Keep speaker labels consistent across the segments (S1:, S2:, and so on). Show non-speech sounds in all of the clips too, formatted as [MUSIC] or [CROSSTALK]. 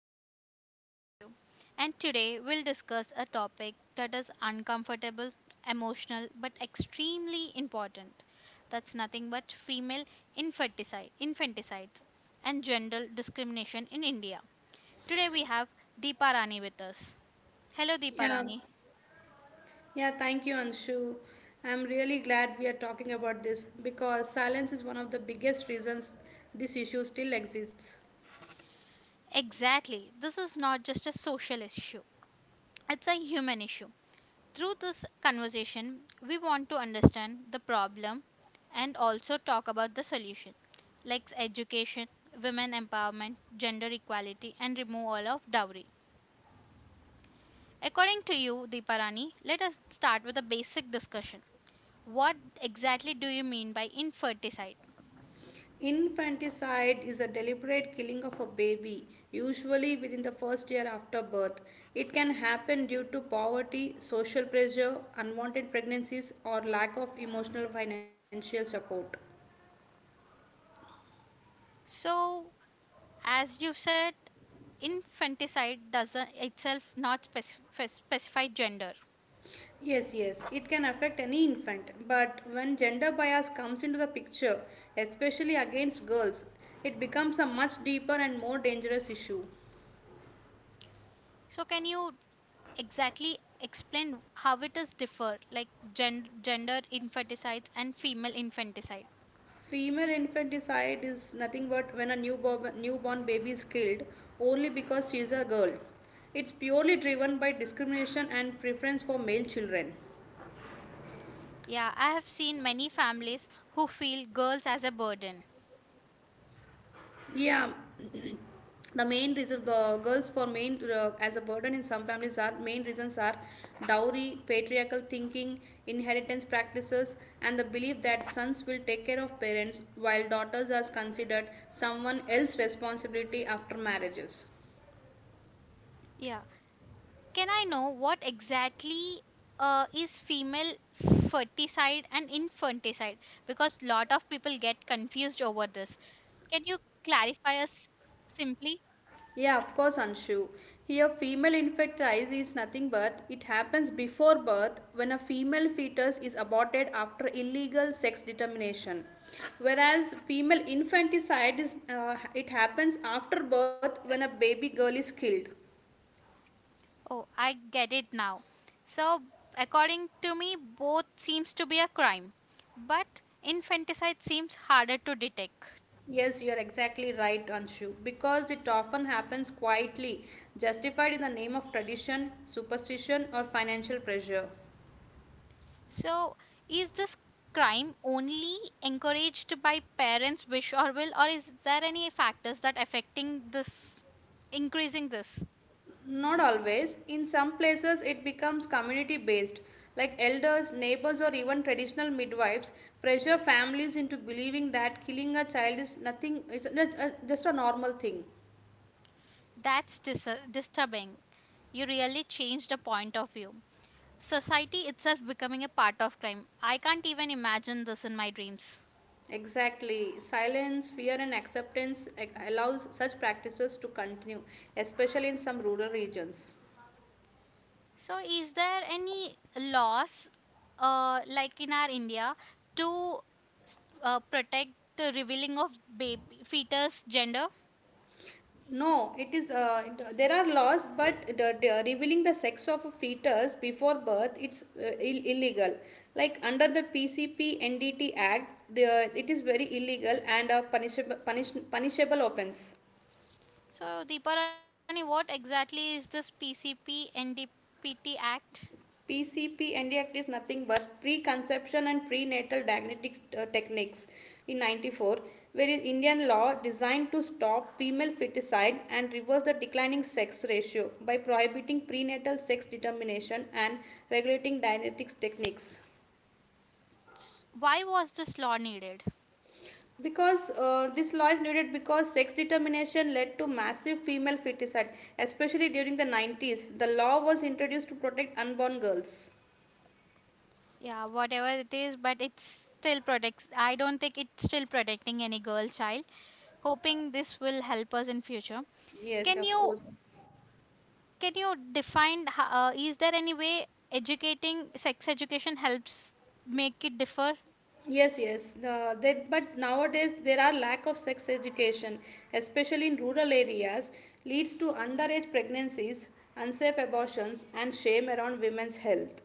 S1: podcast. I am Anshu, and today we'll discuss a topic that is uncomfortable, emotional, but extremely important. That's nothing but female infanticide, infanticides and gender discrimination in India. Today we have Deepa Rani with us. Hello Deepa
S2: Yeah,
S1: Rani.
S2: yeah, thank you, Anshu. I'm really glad we are talking about this because silence is one of the biggest reasons this issue still exists.
S1: Exactly, this is not just a social issue. It's a human issue. Through this conversation, we want to understand the problem and also talk about the solution, like education, women empowerment, gender equality, and removal of dowry. According to you, Deeparani, let us start with a basic discussion. What exactly do you mean by infanticide?
S2: Infanticide is a deliberate killing of a baby, usually within the first year after birth. It can happen due to poverty, social pressure, unwanted pregnancies, or lack of emotional financial support.
S1: So, as you said, infanticide doesn't itself not specify gender.
S2: Yes, yes, it can affect any infant, but when gender bias comes into the picture, especially against girls, it becomes a much deeper and more dangerous issue.
S1: So, can you exactly explain how it is differ like gender infanticide and female infanticide.
S2: Female infanticide is nothing but when a newborn baby is killed only because she is a girl. It's purely driven by discrimination and preference for male children.
S1: Yeah, I have seen many families who feel girls as a burden.
S2: Yeah, [CLEARS THROAT] the main reason girls for main as a burden in some families are main reasons are dowry, patriarchal thinking, inheritance practices, and the belief that sons will take care of parents while daughters are considered someone else's responsibility after marriages.
S1: Yeah, can I know what exactly is female ferticide and infanticide, because lot of people get confused over this. Can you clarify us simply?
S2: Yeah, of course, Anshu. Here, female infant rise is nothing but it happens before birth when a female fetus is aborted after illegal sex determination. Whereas female infanticide is it happens after birth when a baby girl is killed.
S1: Oh, I get it now. So, according to me, both seems to be a crime, but infanticide seems harder to detect.
S2: Yes, you are exactly right, Anshu, because it often happens quietly, justified in the name of tradition, superstition, or financial pressure.
S1: So, is this crime only encouraged by parents' wish or will, or is there any factors that affecting this, increasing this?
S2: Not always. In some places, it becomes community based, like elders, neighbors, or even traditional midwives pressure families into believing that killing a child is nothing, it's just a normal thing.
S1: That's disturbing. You really changed the point of view. Society itself becoming a part of crime. I can't even imagine this in my dreams.
S2: Exactly. Silence, fear, and acceptance allows such practices to continue, especially in some rural regions.
S1: So, is there any laws, like in our India, to protect the revealing of baby fetus gender?
S2: No, it is. There are laws, but the revealing the sex of a fetus before birth, it's illegal. Like under the PCP NDT Act, it is very illegal and a punishable offense.
S1: So, Deeparani, what exactly is this PCPNDPT Act?
S2: PCP NDACT is nothing but preconception and prenatal diagnostics techniques in 94, where is Indian law designed to stop female feticide and reverse the declining sex ratio by prohibiting prenatal sex determination and regulating diagnostics techniques,
S1: Why was this law needed?
S2: because this law is needed because sex determination led to massive female feticide, especially during the 90s. The law was introduced to protect unborn girls.
S1: Yeah, whatever it is, but it's still protects. I don't think it's still protecting any girl child. Hoping this will help us in future.
S2: Yes,
S1: Can
S2: of
S1: you
S2: course.
S1: can you define is there any way educating sex education helps make it differ?
S2: Yes, yes. But nowadays there are lack of sex education, especially in rural areas, leads to underage pregnancies, unsafe abortions, and shame around women's health.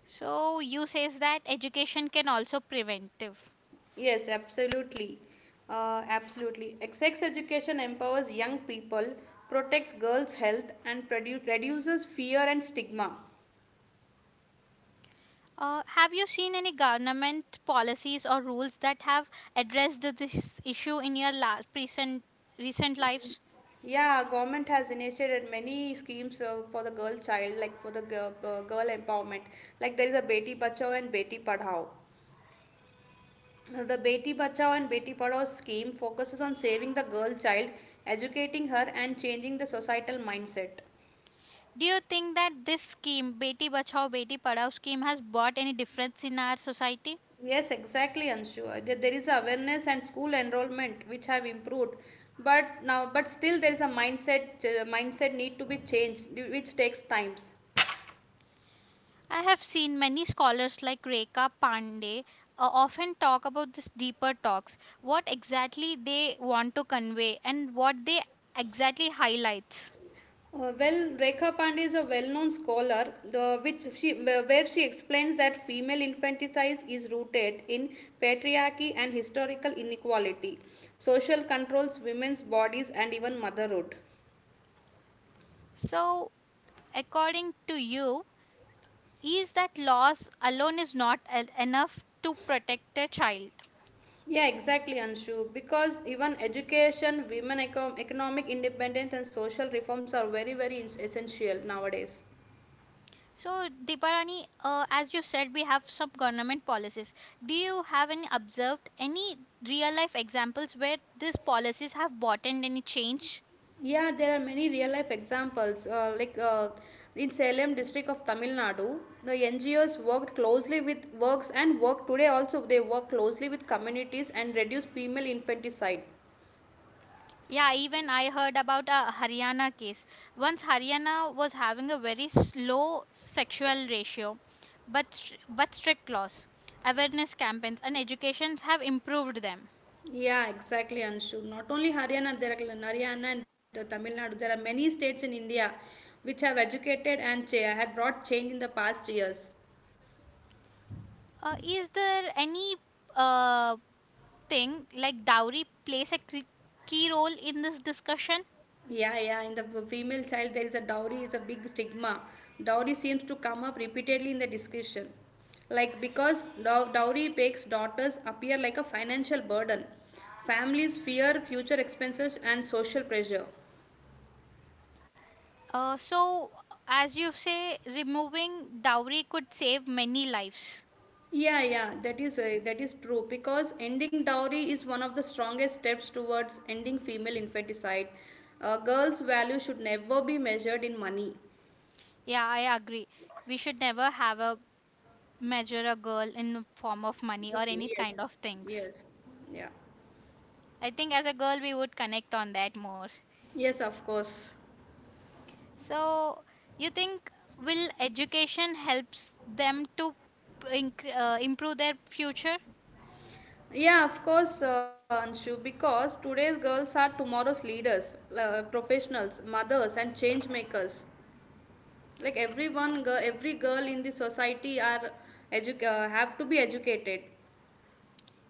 S1: So you says that education can also preventive.
S2: Yes, absolutely. Absolutely. Sex education empowers young people, protects girls' health, and reduces fear and stigma.
S1: Uh, have you seen any government policies or rules that have addressed this issue in your recent lives?
S2: Yeah, government has initiated many schemes for the girl child, like for the girl empowerment. Like there is a Beti Bachao and Beti Padhao. The Beti Bachao and Beti Padhao scheme focuses on saving the girl child, educating her, and changing the societal mindset.
S1: Do you think that this scheme Beti Bachao Beti Padhao scheme has brought any difference in our society?
S2: Yes, exactly, Anshu. There is awareness and school enrollment which have improved, but now, but still there is a mindset need to be changed, which takes times.
S1: I have seen many scholars like Rekha Pandey often talk about these deeper talks, what exactly they want to convey and what they exactly highlights.
S2: Well, Rekha Pandey is a well-known scholar, where she explains that female infanticide is rooted in patriarchy and historical inequality, social controls, women's bodies, and even motherhood.
S1: So, according to you, is that laws alone is not enough to protect a child?
S2: Yeah, exactly, Anshu. Because even education, women economic independence, and social reforms are very, very essential nowadays.
S1: So, Deeparani, as you said, we have some government policies. Do you have any observed any real life examples where these policies have brought in any change?
S2: Yeah, there are many real life examples. Like in Salem district of Tamil Nadu, the NGOs worked closely with works, and work today also, they work closely with communities and reduce female infanticide.
S1: Yeah, even I heard about a Haryana case. Once Haryana was having a very low sexual ratio, but strict laws, awareness campaigns, and educations have improved them.
S2: Yeah, exactly, Anshu. Not only Haryana, there are Haryana and Tamil Nadu. There are many states in India which have educated and had brought change in the past years.
S1: Is there any uh, thing like dowry plays a key role in this discussion?
S2: Yeah, yeah. In the female child, there is a dowry is a big stigma. Dowry seems to come up repeatedly in the discussion, like because dowry makes daughters appear like a financial burden. Families fear future expenses and social pressure.
S1: So, as you say, removing dowry could save many lives.
S2: Yeah, yeah. That is true because ending dowry is one of the strongest steps towards ending female infanticide. Girls' value should never be measured in money.
S1: Yeah, I agree. We should never have a measure a girl in the form of money
S2: The-
S1: or any kind
S2: yes,
S1: of things.
S2: yes, yeah,
S1: I think as a girl we would connect on that more.
S2: yes. Of course.
S1: So you think will education helps them to improve their future?
S2: Yeah, of course, Anshu, because today's girls are tomorrow's leaders, professionals, mothers, and change makers. Like every girl in the society are have to be educated.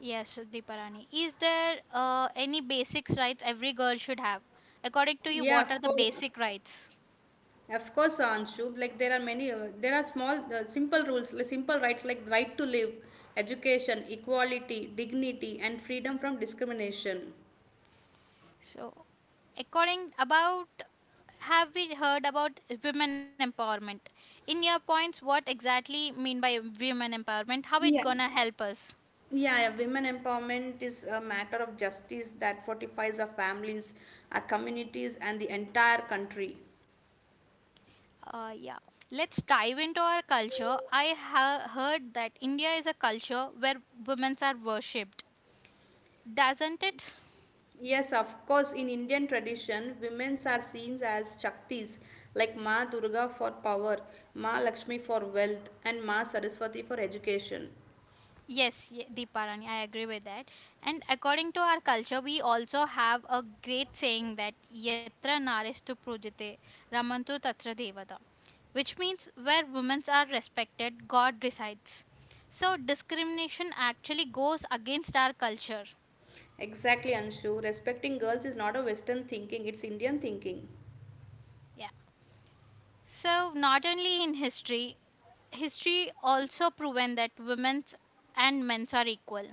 S1: Yes, Deeparani. Is there any basic rights every girl should have? According
S2: Yeah,
S1: to you, what are the basic rights?
S2: of course, Anshu. Like there are many, there are small, simple rules, like simple rights, like the right to live, education, equality, dignity, and freedom from discrimination.
S1: So, according about have we heard about women empowerment? In your points, what exactly mean by women empowerment? How it
S2: Yeah.
S1: gonna help us?
S2: Yeah, yeah, women empowerment is a matter of justice that fortifies our families, our communities, and the entire country.
S1: Yeah. Let's dive into our culture. I heard that India is a culture where women are worshipped, doesn't it?
S2: Yes, of course, in Indian tradition, women are seen as Shaktis, like Ma Durga for power, Ma Lakshmi for wealth, and Ma Saraswati for education.
S1: Yes, Deeparani, I agree with that. And according to our culture, we also have a great saying that Yatra Naristu Pujate Ramantu Tatra Devata, which means where women are respected, God resides. So discrimination actually goes against our culture.
S2: Exactly, Anshu. Respecting girls is not a Western thinking, it's Indian thinking.
S1: Yeah. So not only in history, history also proven that women's and men's are equal.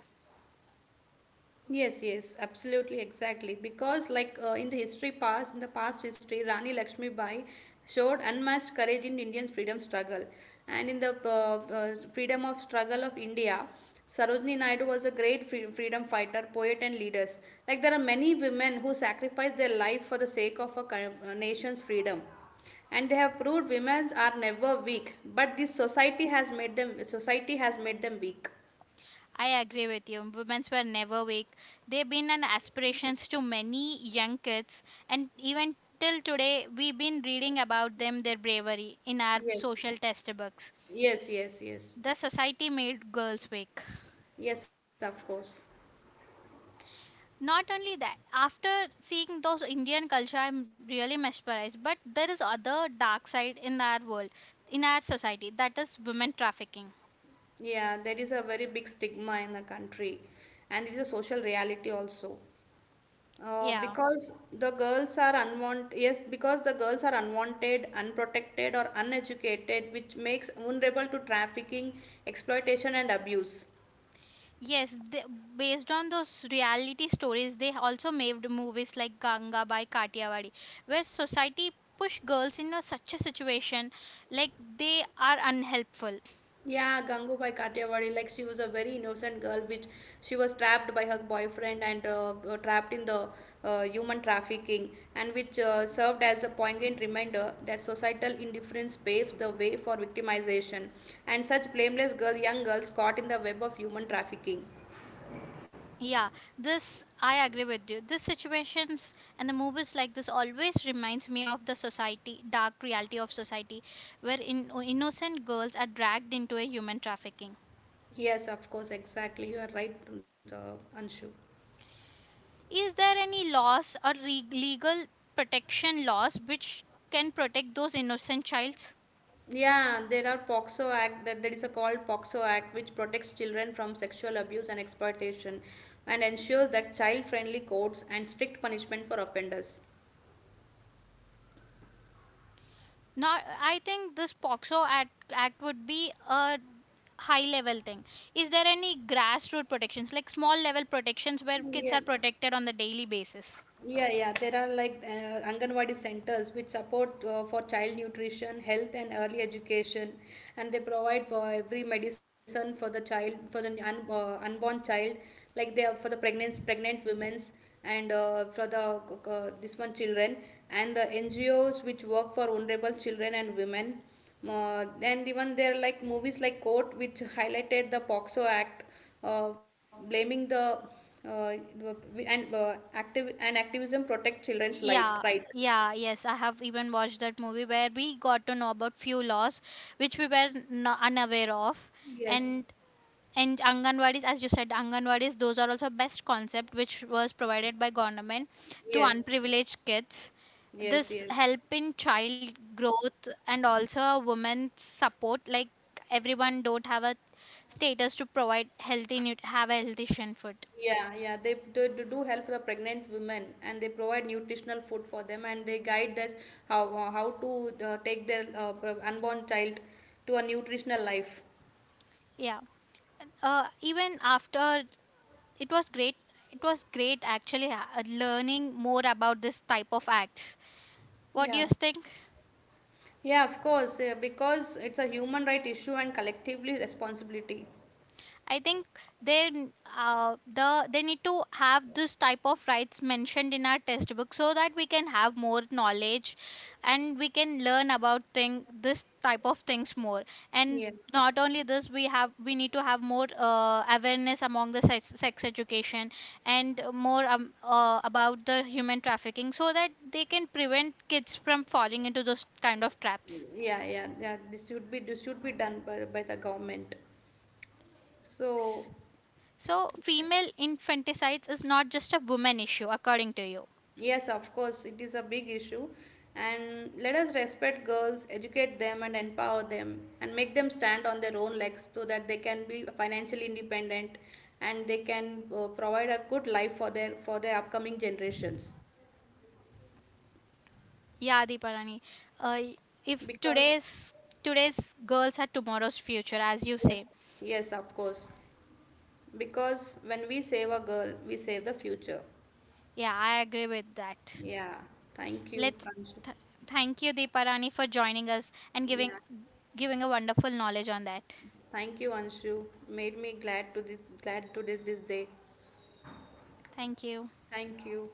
S2: Yes, yes, absolutely, exactly. Because, like in the history past, in the past history, Rani Lakshmi Bai showed unmatched courage in Indian freedom struggle, and in the freedom of struggle of India, Sarojini Naidu was a great freedom fighter, poet, and leaders. Like there are many women who sacrificed their life for the sake of a a nation's freedom, and they have proved women are never weak, but this society has made them, society has made them weak.
S1: I agree with you. Women's were never weak. They've been an aspirations to many young kids, and even till today, we've been reading about them, their bravery, in our
S2: Yes,
S1: social textbooks.
S2: yes, yes, yes.
S1: The society made girls weak.
S2: Yes, of course.
S1: Not only that, after seeing those Indian culture, I'm really mesmerized. But there is other dark side in our world, in our society. That is women trafficking.
S2: Yeah, there is a very big stigma in the country, and it is a social reality also.
S1: Yeah.
S2: Because the girls are unwanted, unprotected, or uneducated, which makes vulnerable to trafficking, exploitation, and abuse.
S1: Yes, they, based on those reality stories, they also made movies like Ganga by Katiyawadi, where society push girls into such a situation like they are unhelpful.
S2: Yeah, Gangubai Kathiawadi, like she was a very innocent girl, which she was trapped by her boyfriend and trapped in the human trafficking, and which served as a poignant reminder that societal indifference paves the way for victimization, and such blameless girl, young girls caught in the web of human trafficking.
S1: Yeah, this I agree with you. These situations and the movies like this always reminds me of the society, dark reality of society, where in, innocent girls are dragged into a human trafficking.
S2: Yes, of course, exactly. You are right, Anshu.
S1: Is there any laws or legal protection laws which can protect those innocent childs?
S2: Yeah, there are POXO Act, that there is a called POXO Act which protects children from sexual abuse and exploitation, and ensures that child-friendly courts and strict punishment for offenders.
S1: Not, I think this Act would be a high level thing. Is there any grassroots protections, like small level protections where kids
S2: Yeah.
S1: are protected on the daily basis?
S2: Yeah, yeah. There are like Anganwadi centers which support for child nutrition, health, and early education, and they provide every medicine for the child, for the unborn child, like they are for the pregnant women's and for the this one children, and the NGOs which work for vulnerable children and women. And even there are like movies like Court which highlighted the POXO Act, blaming the uh, and active and activism protect children's light
S1: Yeah,
S2: right.
S1: yeah, yes. I have even watched that movie where we got to know about few laws which we were unaware of,
S2: Yes,
S1: and anganwadis, as you said, anganwadis, those are also best concept which was provided by government to
S2: yes,
S1: unprivileged kids. This
S2: yes, yes.
S1: help in child growth and also women's support, like everyone don't have a status to provide healthy have a healthy shin food.
S2: Yeah, yeah, they, they do help the pregnant women, and they provide nutritional food for them, and they guide us how to take their unborn child to a nutritional life.
S1: Yeah, even after it was great it was great actually, learning more about this type of acts. What do
S2: Yeah,
S1: you think?
S2: yeah, of course, because it's a human right issue and collectively responsibility.
S1: I think they they need to have this type of rights mentioned in our textbook so that we can have more knowledge and we can learn about thing this type of things more. And
S2: Yeah,
S1: not only this, we need to have more awareness among the sex, sex education and more about the human trafficking so that they can prevent kids from falling into those kind of traps.
S2: yeah, yeah, yeah, this should be done by the government. So,
S1: So female infanticides is not just a woman issue, according to you.
S2: yes, of course, it is a big issue. And let us respect girls, educate them, and empower them, and make them stand on their own legs so that they can be financially independent, and they can provide a good life for their, for their upcoming generations.
S1: Yeah, Deeparani. Uh, if
S2: Because
S1: today's girls are tomorrow's future, as you say.
S2: yes, yes, of course. Because when we save a girl, we save the future.
S1: Yeah, I agree with that.
S2: Yeah, thank you,
S1: Let's
S2: Kanshu.
S1: th- thank you, Deeparani, for joining us and
S2: Yeah,
S1: giving a wonderful knowledge on that.
S2: thank you, Anshu. Made me glad to this, this day.
S1: Thank you.
S2: Thank you.